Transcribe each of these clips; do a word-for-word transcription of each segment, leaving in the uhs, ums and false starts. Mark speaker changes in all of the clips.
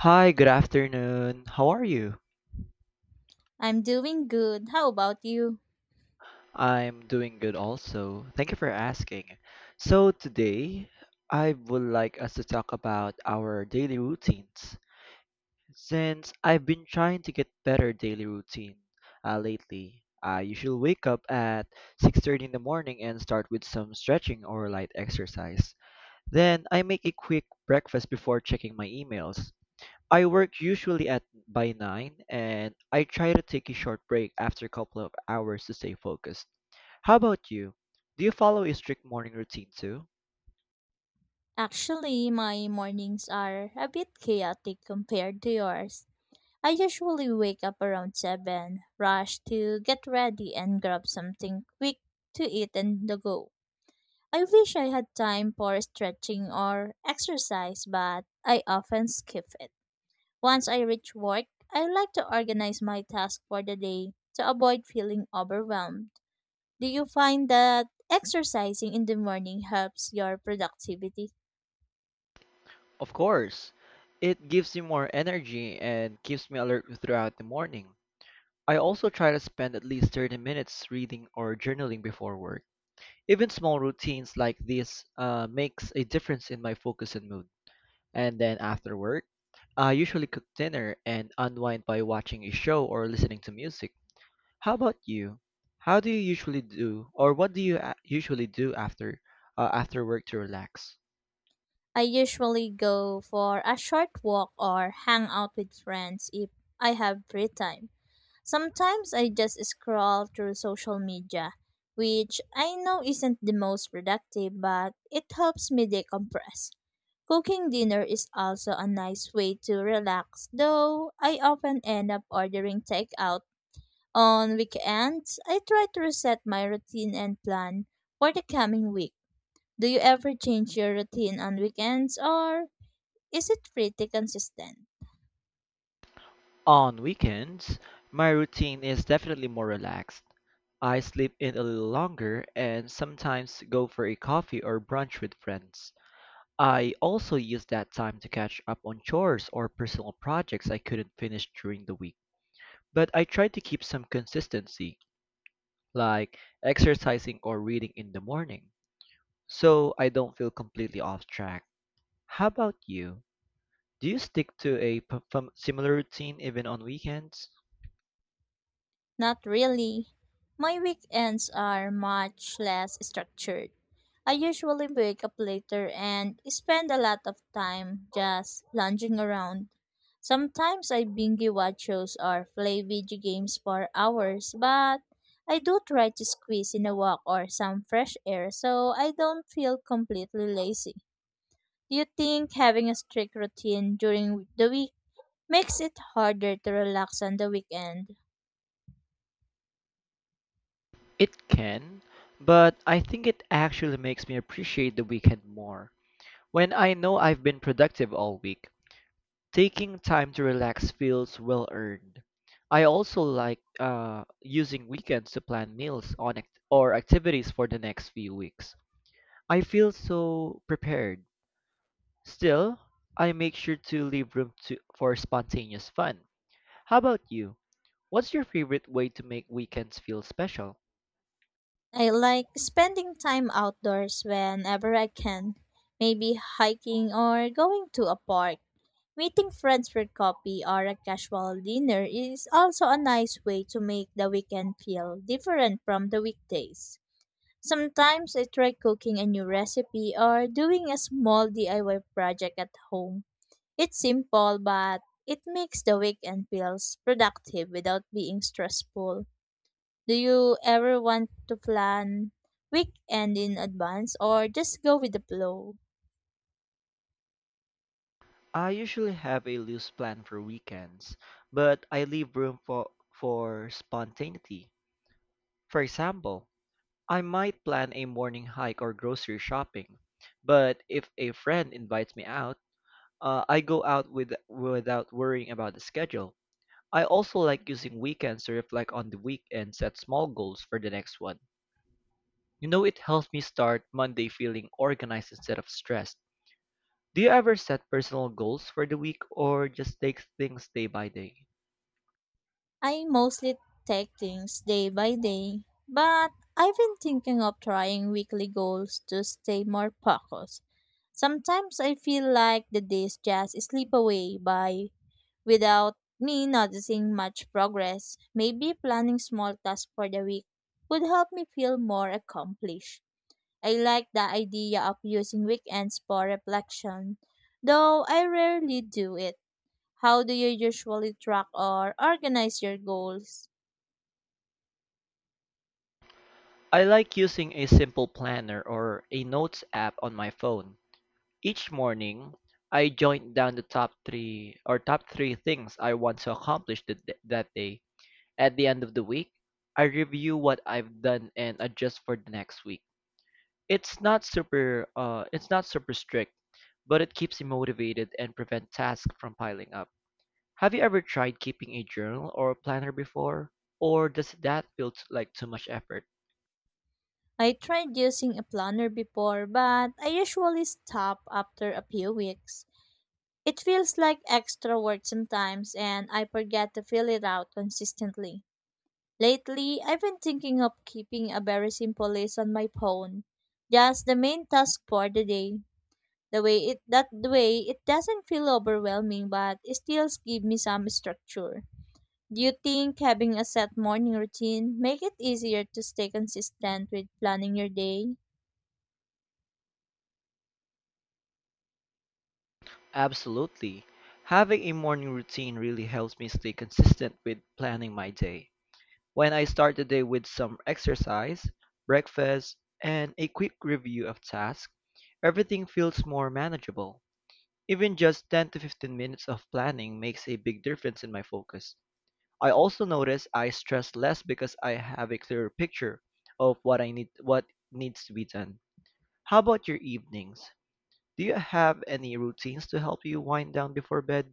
Speaker 1: Hi, good afternoon. How are you?
Speaker 2: I'm doing good. How about you?
Speaker 1: I'm doing good also. Thank you for asking. So, today I would like us to talk about our daily routines. Since I've been trying to get better daily routine uh, lately, I usually wake up at six thirty in the morning and start with some stretching or light exercise. Then I make a quick breakfast before checking my emails. I work usually at by nine and I try to take a short break after a couple of hours to stay focused. How about you? Do you follow a strict morning routine too?
Speaker 2: Actually, my mornings are a bit chaotic compared to yours. I usually wake up around seven, rush to get ready and grab something quick to eat and to go. I wish I had time for stretching or exercise, but I often skip it. Once I reach work, I like to organize my tasks for the day to avoid feeling overwhelmed. Do you find that exercising in the morning helps your productivity?
Speaker 1: Of course, it gives me more energy and keeps me alert throughout the morning. I also try to spend at least thirty minutes reading or journaling before work. Even small routines like this uh, makes a difference in my focus and mood. And then after work, I usually cook dinner and unwind by watching a show or listening to music. How about you? How do you usually do, or what do you a- usually do after uh, after work to relax?
Speaker 2: I usually go for a short walk or hang out with friends if I have free time. Sometimes I just scroll through social media, which I know isn't the most productive, but it helps me decompress. Cooking dinner is also a nice way to relax, though I often end up ordering takeout. On weekends, I try to reset my routine and plan for the coming week. Do you ever change your routine on weekends or is it pretty consistent?
Speaker 1: On weekends, my routine is definitely more relaxed. I sleep in a little longer and sometimes go for a coffee or brunch with friends. I also use that time to catch up on chores or personal projects I couldn't finish during the week. But I try to keep some consistency, like exercising or reading in the morning, so I don't feel completely off track. How about you? Do you stick to a p- fam- similar routine even on weekends?
Speaker 2: Not really. My weekends are much less structured. I usually wake up later and spend a lot of time just lounging around. Sometimes I binge watch shows or play video games for hours, but I do try to squeeze in a walk or some fresh air so I don't feel completely lazy. Do you think having a strict routine during the week makes it harder to relax on the weekend?
Speaker 1: It can, but I think it actually makes me appreciate the weekend more. When I know I've been productive all week, taking time to relax feels well earned. I also like uh, using weekends to plan meals on act- or activities for the next few weeks. I feel so prepared. Still, I make sure to leave room to- for spontaneous fun. How about you? What's your favorite way to make weekends feel special?
Speaker 2: I like spending time outdoors whenever I can, maybe hiking or going to a park. Meeting friends for coffee or a casual dinner is also a nice way to make the weekend feel different from the weekdays. Sometimes I try cooking a new recipe or doing a small D I Y project at home. It's simple, but it makes the weekend feels productive without being stressful. Do you ever want to plan weekend in advance or just go with the flow?
Speaker 1: I usually have a loose plan for weekends, but I leave room for, for spontaneity. For example, I might plan a morning hike or grocery shopping, but if a friend invites me out, uh, I go out with, without worrying about the schedule. I also like using weekends to reflect on the week and set small goals for the next one. You know, it helps me start Monday feeling organized instead of stressed. Do you ever set personal goals for the week or just take things day by day?
Speaker 2: I mostly take things day by day, but I've been thinking of trying weekly goals to stay more focused. Sometimes I feel like the days just slip away by without me noticing much progress. Maybe planning small tasks for the week would help me feel more accomplished. I like the idea of using weekends for reflection, though I rarely do it. How do you usually track or organize your goals?
Speaker 1: I like using a simple planner or a notes app on my phone. Each morning, I jot down the top three or top three things I want to accomplish th- th- that day. At the end of the week, I review what I've done and adjust for the next week. It's not super uh it's not super strict, but it keeps me motivated and prevent tasks from piling up. Have you ever tried keeping a journal or planner before? Or does that feel t- like too much effort?
Speaker 2: I tried using a planner before, but I usually stop after a few weeks. It feels like extra work sometimes, and I forget to fill it out consistently. Lately, I've been thinking of keeping a very simple list on my phone, just the main task for the day. The way it that the way it doesn't feel overwhelming, but it still gives me some structure. Do you think having a set morning routine make it easier to stay consistent with planning your day?
Speaker 1: Absolutely. Having a morning routine really helps me stay consistent with planning my day. When I start the day with some exercise, breakfast, and a quick review of tasks, everything feels more manageable. Even just ten to fifteen minutes of planning makes a big difference in my focus. I also notice I stress less because I have a clearer picture of what I need what needs to be done. How about your evenings? Do you have any routines to help you wind down before bed?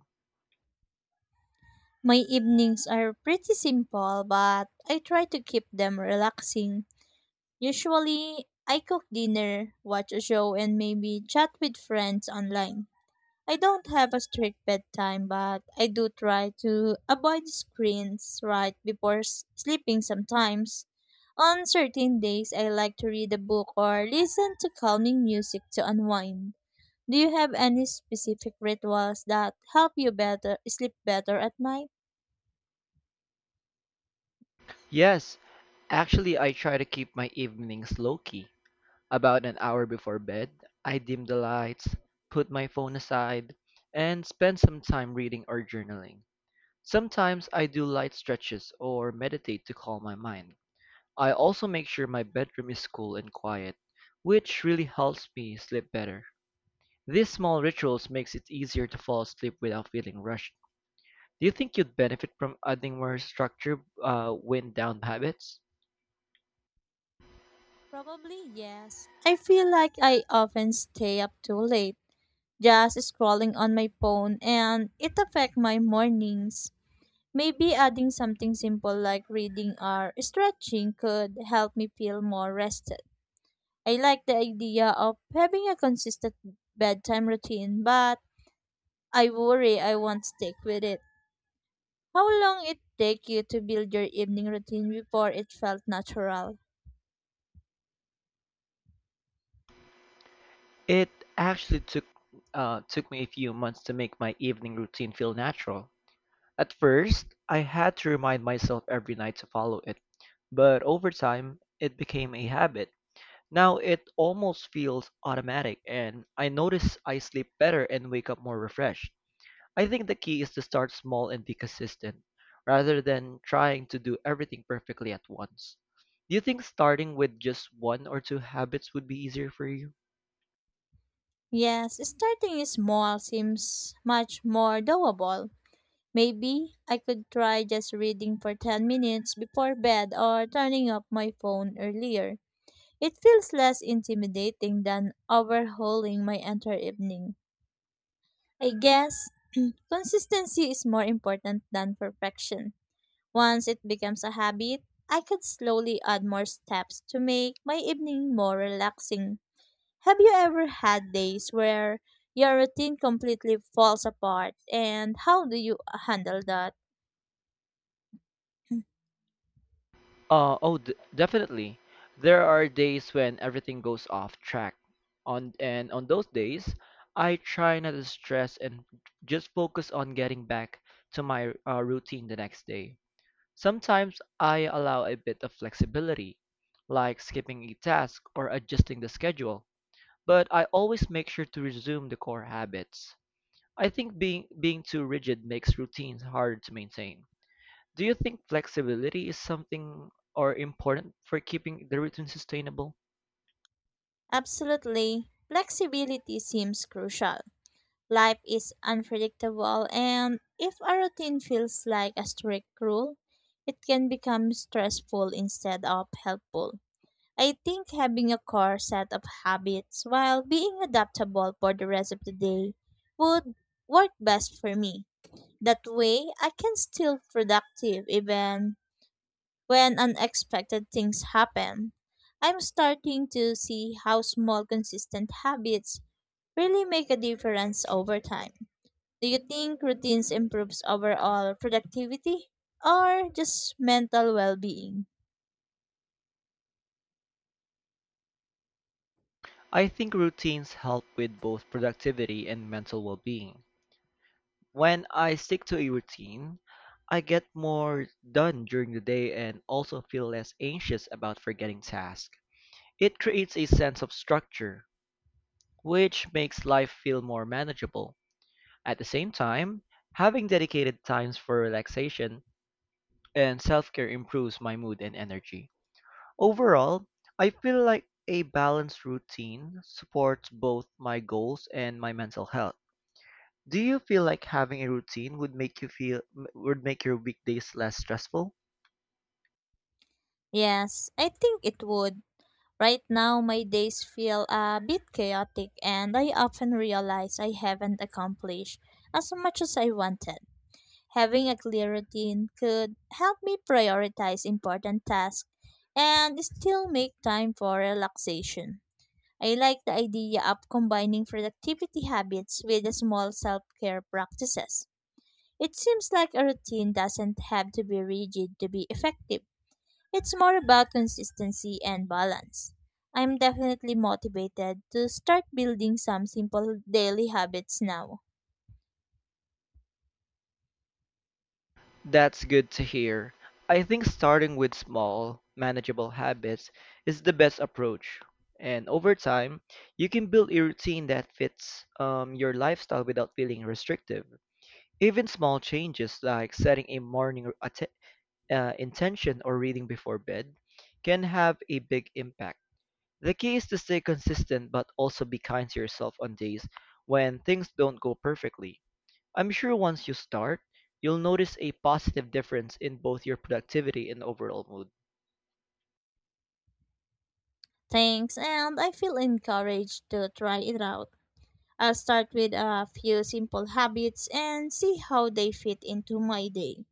Speaker 2: My evenings are pretty simple, but I try to keep them relaxing. Usually I cook dinner, watch a show and maybe chat with friends online. I don't have a strict bedtime, but I do try to avoid screens right before s- sleeping sometimes. On certain days, I like to read a book or listen to calming music to unwind. Do you have any specific rituals that help you better sleep better at night?
Speaker 1: Yes, actually I try to keep my evenings low key. About an hour before bed, I dim the lights, put my phone aside, and spend some time reading or journaling. Sometimes I do light stretches or meditate to calm my mind. I also make sure my bedroom is cool and quiet, which really helps me sleep better. These small rituals makes it easier to fall asleep without feeling rushed. Do you think you'd benefit from adding more structure uh, when down habits?
Speaker 2: Probably yes. I feel like I often stay up too late, just scrolling on my phone, and it affects my mornings. Maybe adding something simple like reading or stretching could help me feel more rested. I like the idea of having a consistent bedtime routine, but I worry I won't stick with it. How long it take you to build your evening routine before it felt natural?
Speaker 1: It actually took uh, took me a few months to make my evening routine feel natural. At first, I had to remind myself every night to follow it, but over time, it became a habit. Now it almost feels automatic, and I notice I sleep better and wake up more refreshed. I think the key is to start small and be consistent, rather than trying to do everything perfectly at once. Do you think starting with just one or two habits would be easier for you?
Speaker 2: Yes, starting small seems much more doable. Maybe I could try just reading for ten minutes before bed or turning off my phone earlier. It feels less intimidating than overhauling my entire evening. I guess consistency is more important than perfection. Once it becomes a habit, I could slowly add more steps to make my evening more relaxing. Have you ever had days where your routine completely falls apart, and how do you handle that?
Speaker 1: Uh, oh, d- definitely. There are days when everything goes off track. On and on those days, I try not to stress and just focus on getting back to my uh, routine the next day. Sometimes I allow a bit of flexibility, like skipping a task or adjusting the schedule, but I always make sure to resume the core habits. I think being being too rigid makes routines harder to maintain. Do you think flexibility is something or important for keeping the routine sustainable?
Speaker 2: Absolutely. Flexibility seems crucial. Life is unpredictable, and if a routine feels like a strict rule, it can become stressful instead of helpful. I think having a core set of habits while being adaptable for the rest of the day would work best for me. That way, I can still productive even when unexpected things happen. I'm starting to see how small consistent habits really make a difference over time. Do you think routines improves overall productivity or just mental well-being?
Speaker 1: I think routines help with both productivity and mental well-being. When I stick to a routine, I get more done during the day and also feel less anxious about forgetting tasks. It creates a sense of structure, which makes life feel more manageable. At the same time, having dedicated times for relaxation and self care improves my mood and energy. Overall, I feel like a balanced routine supports both my goals and my mental health. Do you feel like having a routine would make you feel m- would make your weekdays less stressful?
Speaker 2: Yes, I think it would. Right now my days feel a bit chaotic and I often realize I haven't accomplished as much as I wanted. Having a clear routine could help me prioritize important tasks and still make time for relaxation. I like the idea of combining productivity habits with small self care practices. It seems like a routine doesn't have to be rigid to be effective. It's more about consistency and balance. I'm definitely motivated to start building some simple daily habits now.
Speaker 1: That's good to hear. I think starting with small, manageable habits is the best approach. And over time, you can build a routine that fits um, your lifestyle without feeling restrictive. Even small changes like setting a morning r- atte- uh, intention or reading before bed can have a big impact. The key is to stay consistent but also be kind to yourself on days when things don't go perfectly. I'm sure once you start, you'll notice a positive difference in both your productivity and overall mood.
Speaker 2: Thanks, and I feel encouraged to try it out. I'll start with a few simple habits and see how they fit into my day.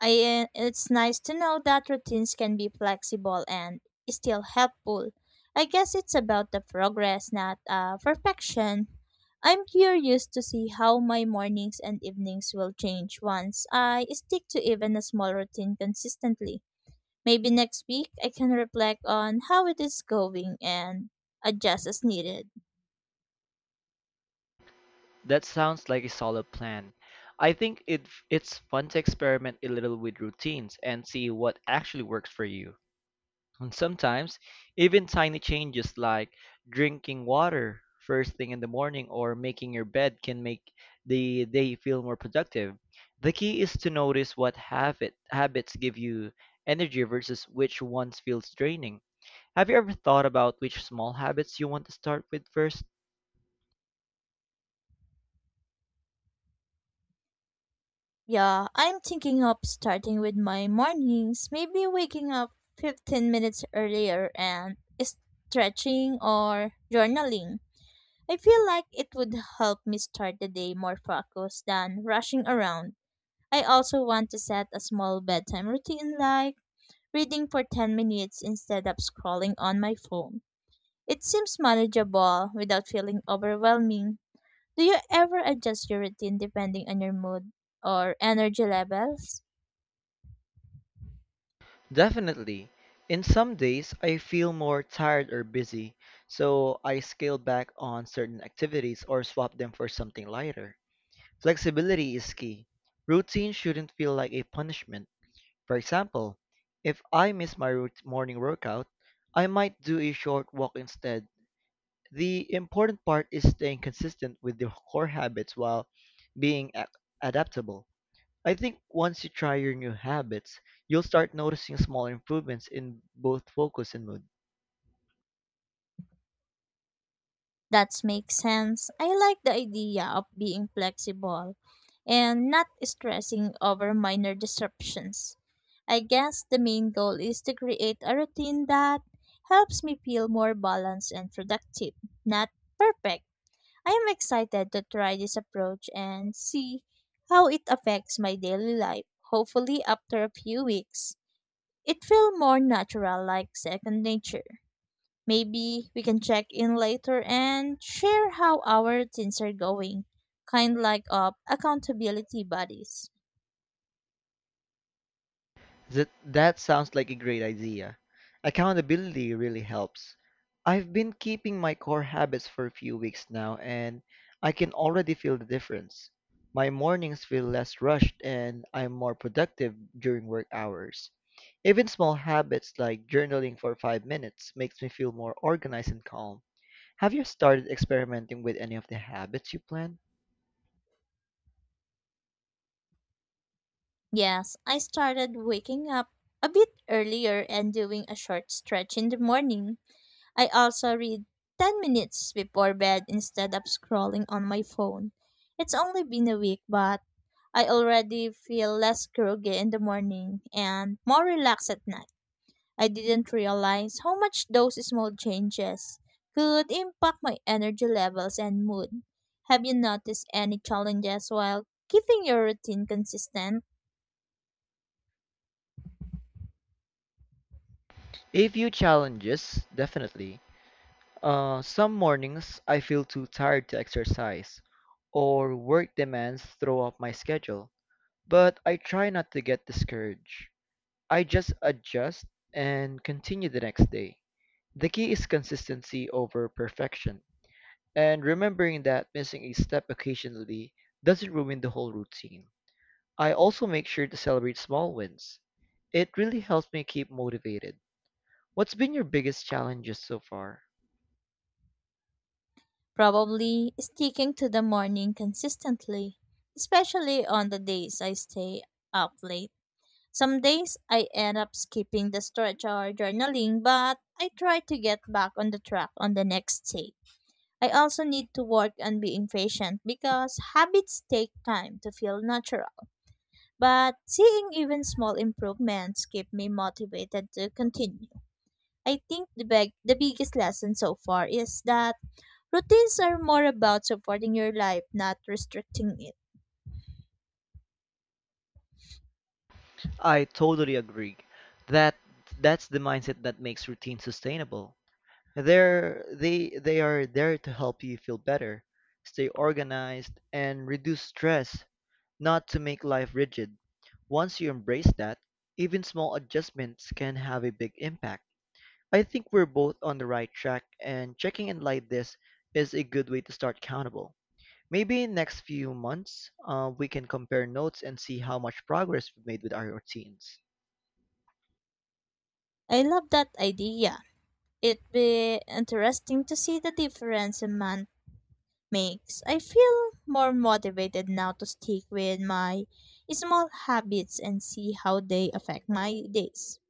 Speaker 2: I, It's nice to know that routines can be flexible and still helpful. I guess it's about the progress, not uh, perfection. I'm curious to see how my mornings and evenings will change once I stick to even a small routine consistently. Maybe next week I can reflect on how it is going and adjust as needed.
Speaker 1: That sounds like a solid plan. I think it, it's fun to experiment a little with routines and see what actually works for you. And sometimes, even tiny changes like drinking water first thing in the morning or making your bed can make the day feel more productive. The key is to notice what habit, habits give you energy versus which ones feels draining. Have you ever thought about which small habits you want to start with first?
Speaker 2: Yeah, I'm thinking of starting with my mornings, maybe waking up fifteen minutes earlier and stretching or journaling. I feel like it would help me start the day more focused than rushing around. I also want to set a small bedtime routine like reading for ten minutes instead of scrolling on my phone. It seems manageable without feeling overwhelming. Do you ever adjust your routine depending on your mood or energy levels?
Speaker 1: Definitely. In some days, I feel more tired or busy, so I scale back on certain activities or swap them for something lighter. Flexibility is key. Routine shouldn't feel like a punishment. For example, if I miss my rout- morning workout, I might do a short walk instead. The important part is staying consistent with the core habits while being a- adaptable. I think once you try your new habits, you'll start noticing small improvements in both focus and mood.
Speaker 2: That makes sense. I like the idea of being flexible and not stressing over minor disruptions. I guess the main goal is to create a routine that helps me feel more balanced and productive, not perfect. I am excited to try this approach and see how it affects my daily life, hopefully, after a few weeks. It feels more natural, like second nature. Maybe we can check in later and share how our teens are going, kind like of accountability buddies.
Speaker 1: That that sounds like a great idea. Accountability really helps. I've been keeping my core habits for a few weeks now and I can already feel the difference. My mornings feel less rushed and I'm more productive during work hours. Even small habits like journaling for five minutes makes me feel more organized and calm. Have you started experimenting with any of the habits you plan?
Speaker 2: Yes, I started waking up a bit earlier and doing a short stretch in the morning. I also read ten minutes before bed instead of scrolling on my phone. It's only been a week, but I already feel less groggy in the morning and more relaxed at night. I didn't realize how much those small changes could impact my energy levels and mood. Have you noticed any challenges while keeping your routine consistent?
Speaker 1: A few challenges, definitely. Uh, some mornings I feel too tired to exercise, or work demands throw off my schedule. But I try not to get discouraged. I just adjust and continue the next day. The key is consistency over perfection, and remembering that missing a step occasionally doesn't ruin the whole routine. I also make sure to celebrate small wins. It really helps me keep motivated. What's been your biggest challenges so far?
Speaker 2: Probably sticking to the morning consistently, especially on the days I stay up late. Some days I end up skipping the stretch or journaling, but I try to get back on the track on the next day. I also need to work on being patient because habits take time to feel natural. But seeing even small improvements keep me motivated to continue. I think the big, the biggest lesson so far is that routines are more about supporting your life, not restricting it.
Speaker 1: I totally agree. That that's the mindset that makes routine sustainable. They're they they are there to help you feel better, stay organized, and reduce stress, not to make life rigid. Once you embrace that, even small adjustments can have a big impact. I think we're both on the right track, and checking in like this is a good way to start accountable. Maybe in next few months, uh, we can compare notes and see how much progress we've made with our routines.
Speaker 2: I love that idea. It'd be interesting to see the difference a month makes. I feel more motivated now to stick with my small habits and see how they affect my days.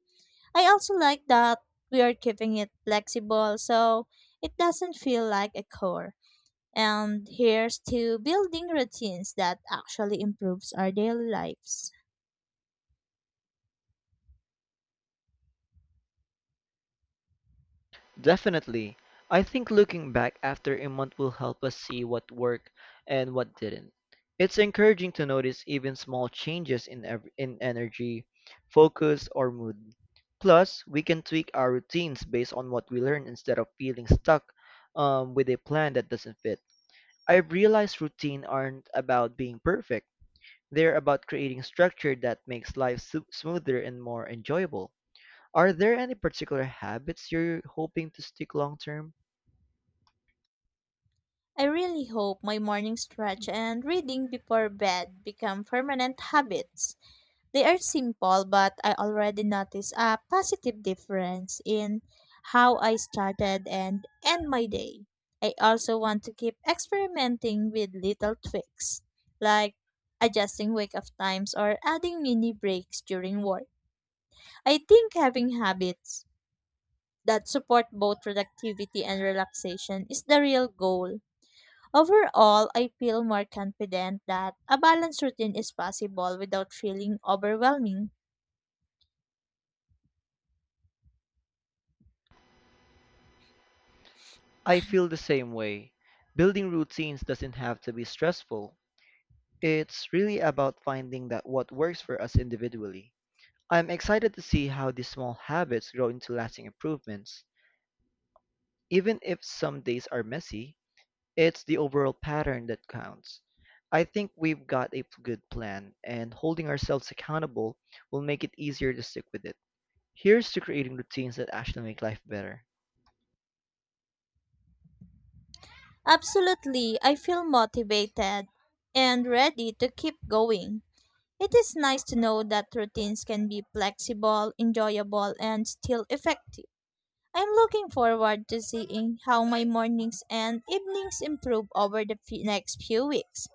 Speaker 2: I also like that we are keeping it flexible so it doesn't feel like a chore. And here's to building routines that actually improves our daily lives.
Speaker 1: Definitely. I think looking back after a month will help us see what worked and what didn't. It's encouraging to notice even small changes in ev- in energy, focus, or mood. Plus, we can tweak our routines based on what we learn instead of feeling stuck um, with a plan that doesn't fit. I've realized routine aren't about being perfect. They're about creating structure that makes life su- smoother and more enjoyable. Are there any particular habits you're hoping to stick long term?
Speaker 2: I really hope my morning stretch and reading before bed become permanent habits. They are simple, but I already notice a positive difference in how I started and end my day. I also want to keep experimenting with little tweaks, like adjusting wake up times or adding mini breaks during work. I think having habits that support both productivity and relaxation is the real goal. Overall, I feel more confident that a balanced routine is possible without feeling overwhelming.
Speaker 1: I feel the same way. Building routines doesn't have to be stressful. It's really about finding that what works for us individually. I'm excited to see how these small habits grow into lasting improvements. Even if some days are messy, it's the overall pattern that counts. I think we've got a p- good plan, and holding ourselves accountable will make it easier to stick with it. Here's to creating routines that actually make life better.
Speaker 2: Absolutely, I feel motivated and ready to keep going. It is nice to know that routines can be flexible, enjoyable, and still effective. I'm looking forward to seeing how my mornings and evenings improve over the fe- next few weeks.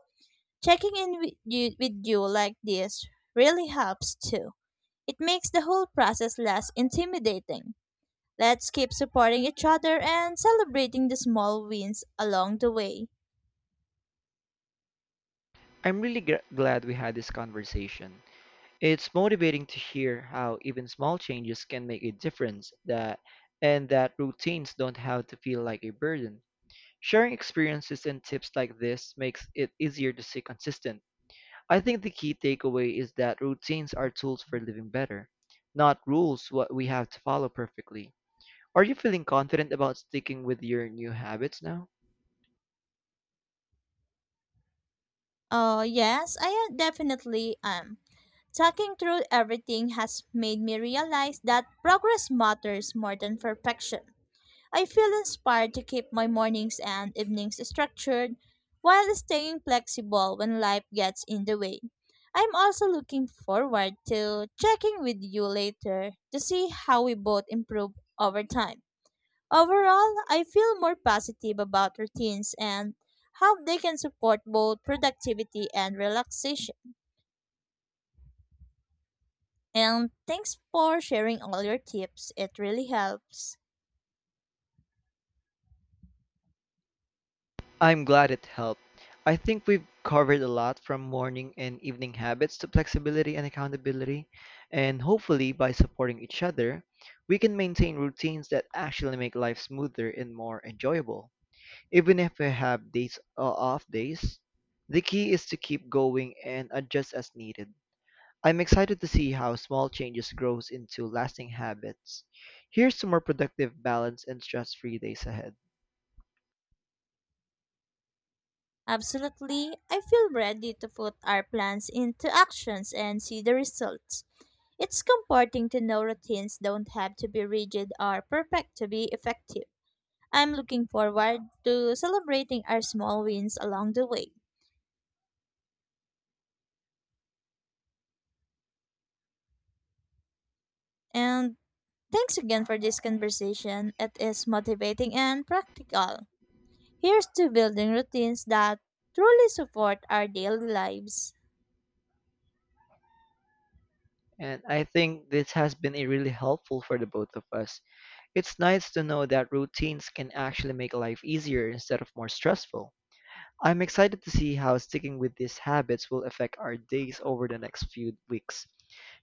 Speaker 2: Checking in with you, with you like this really helps too. It makes the whole process less intimidating. Let's keep supporting each other and celebrating the small wins along the way.
Speaker 1: I'm really gr- glad we had this conversation. It's motivating to hear how even small changes can make a difference that and that routines don't have to feel like a burden. Sharing experiences and tips like this makes it easier to stay consistent. I think the key takeaway is that routines are tools for living better, not rules what we have to follow perfectly. Are you feeling confident about sticking with your new habits now?
Speaker 2: Oh yes, I am- definitely am. Talking through everything has made me realize that progress matters more than perfection. I feel inspired to keep my mornings and evenings structured while staying flexible when life gets in the way. I'm also looking forward to checking with you later to see how we both improve over time. Overall, I feel more positive about routines and how they can support both productivity and relaxation. And thanks for sharing all your tips. It really helps.
Speaker 1: I'm glad it helped. I think we've covered a lot from morning and evening habits to flexibility and accountability, and hopefully by supporting each other, we can maintain routines that actually make life smoother and more enjoyable. Even if we have days uh, off days, the key is to keep going and adjust as needed. I'm excited to see how small changes grows into lasting habits. Here's to more productive, balanced, and stress-free days ahead.
Speaker 2: Absolutely. I feel ready to put our plans into actions and see the results. It's comforting to know routines don't have to be rigid or perfect to be effective. I'm looking forward to celebrating our small wins along the way. And thanks again for this conversation. It is motivating and practical. Here's to building routines that truly support our daily lives.
Speaker 1: And I think this has been a really helpful for the both of us. It's nice to know that routines can actually make life easier instead of more stressful. I'm excited to see how sticking with these habits will affect our days over the next few weeks.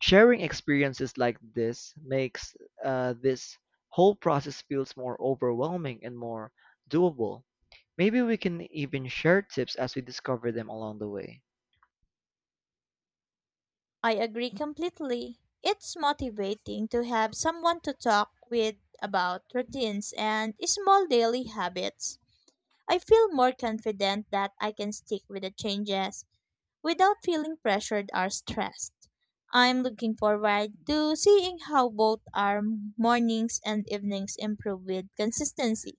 Speaker 1: Sharing experiences like this makes uh, this whole process feels more overwhelming and more doable. Maybe we can even share tips as we discover them along the way.
Speaker 2: I agree completely. It's motivating to have someone to talk with about routines and small daily habits. I feel more confident that I can stick with the changes without feeling pressured or stressed. I'm looking forward to seeing how both our mornings and evenings improve with consistency.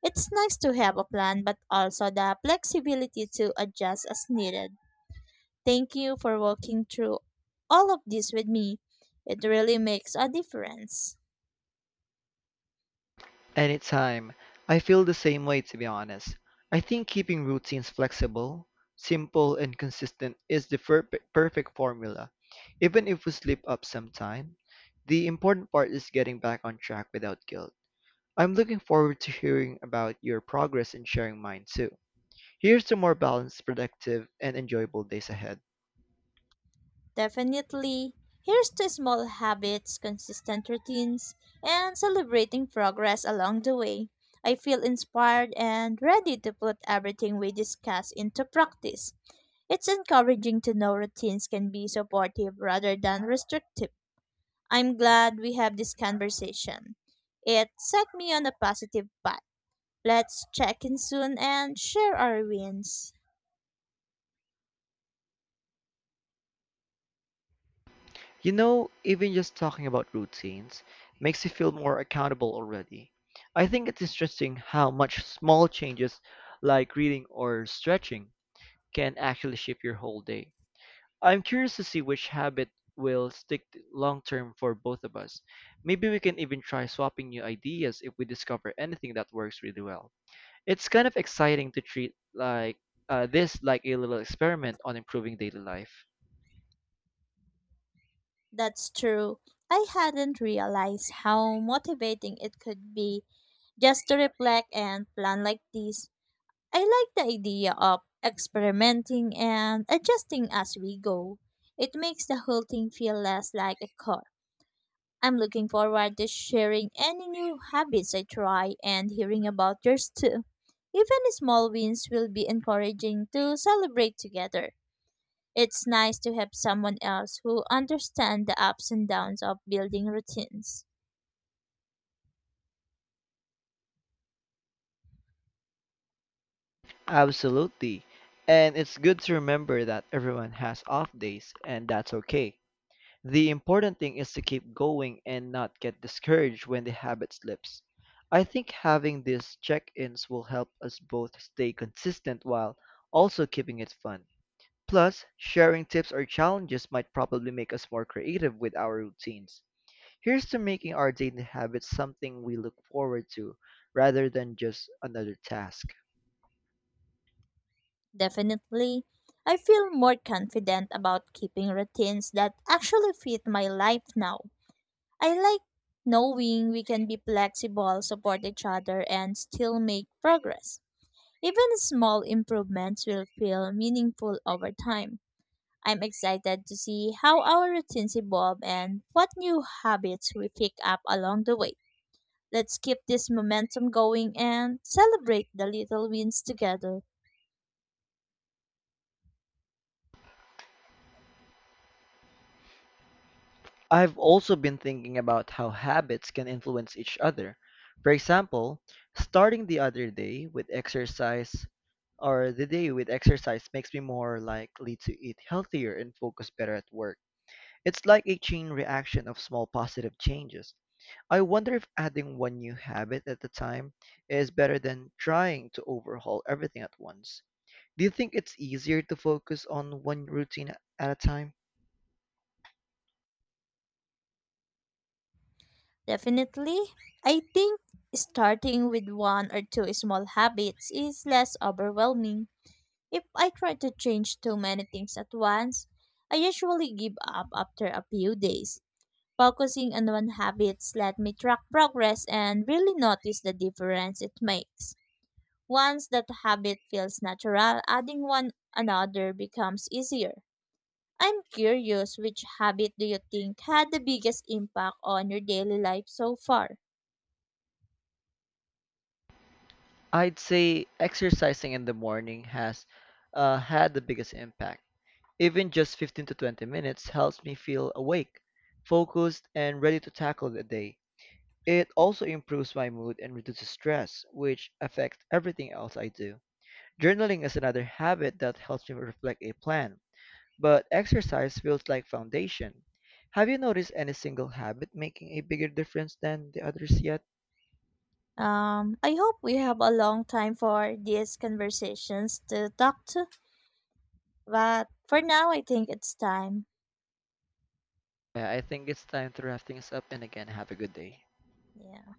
Speaker 2: It's nice to have a plan, but also the flexibility to adjust as needed. Thank you for walking through all of this with me. It really makes a difference.
Speaker 1: Anytime. I feel the same way, to be honest. I think keeping routines flexible, simple, and consistent is the perfect, perfect formula. Even if we slip up sometime, the important part is getting back on track without guilt. I'm looking forward to hearing about your progress and sharing mine too. Here's to more balanced, productive, and enjoyable days ahead.
Speaker 2: Definitely. Here's to small habits, consistent routines, and celebrating progress along the way. I feel inspired and ready to put everything we discuss into practice. It's encouraging to know routines can be supportive rather than restrictive. I'm glad we have this conversation. It set me on a positive path. Let's check in soon and share our wins.
Speaker 1: You know, even just talking about routines makes you feel more accountable already. I think it's interesting how much small changes like reading or stretching can actually shape your whole day. I'm curious to see which habit will stick long term for both of us. Maybe we can even try swapping new ideas if we discover anything that works really well. It's kind of exciting to treat like uh, this like a little experiment on improving daily life.
Speaker 2: That's true. I hadn't realized how motivating it could be just to reflect and plan like this. I like the idea of experimenting and adjusting as we go. It makes the whole thing feel less like a chore. I'm looking forward to sharing any new habits I try and hearing about yours too. Even small wins will be encouraging to celebrate together. It's nice to have someone else who understands the ups and downs of building routines.
Speaker 1: Absolutely. And it's good to remember that everyone has off days, and that's okay. The important thing is to keep going and not get discouraged when the habit slips. I think having these check ins will help us both stay consistent while also keeping it fun. Plus, sharing tips or challenges might probably make us more creative with our routines. Here's to making our daily habits something we look forward to rather than just another task.
Speaker 2: Definitely, I feel more confident about keeping routines that actually fit my life now. I like knowing we can be flexible, support each other, and still make progress. Even small improvements will feel meaningful over time. I'm excited to see how our routines evolve and what new habits we pick up along the way. Let's keep this momentum going and celebrate the little wins together.
Speaker 1: I've also been thinking about how habits can influence each other. For example, starting the other day with exercise or the day with exercise makes me more likely to eat healthier and focus better at work. It's like a chain reaction of small positive changes. I wonder if adding one new habit at a time is better than trying to overhaul everything at once. Do you think it's easier to focus on one routine at a time?
Speaker 2: Definitely, I think starting with one or two small habits is less overwhelming. If I try to change too many things at once, I usually give up after a few days. Focusing on one habits let me track progress and really notice the difference it makes. Once that habit feels natural, adding one another becomes easier. I'm curious, which habit do you think had the biggest impact on your daily life so far?
Speaker 1: I'd say exercising in the morning has uh, had the biggest impact. Even just fifteen to twenty minutes helps me feel awake, focused, and ready to tackle the day. It also improves my mood and reduces stress, which affects everything else I do. Journaling is another habit that helps me reflect a plan, but exercise feels like foundation. Have you noticed any single habit making a bigger difference than the others yet?
Speaker 2: Um, I hope we have a long time for these conversations to talk to, but for now, I think it's time.
Speaker 1: Yeah, I think it's time to wrap things up and again have a good day.
Speaker 2: Yeah.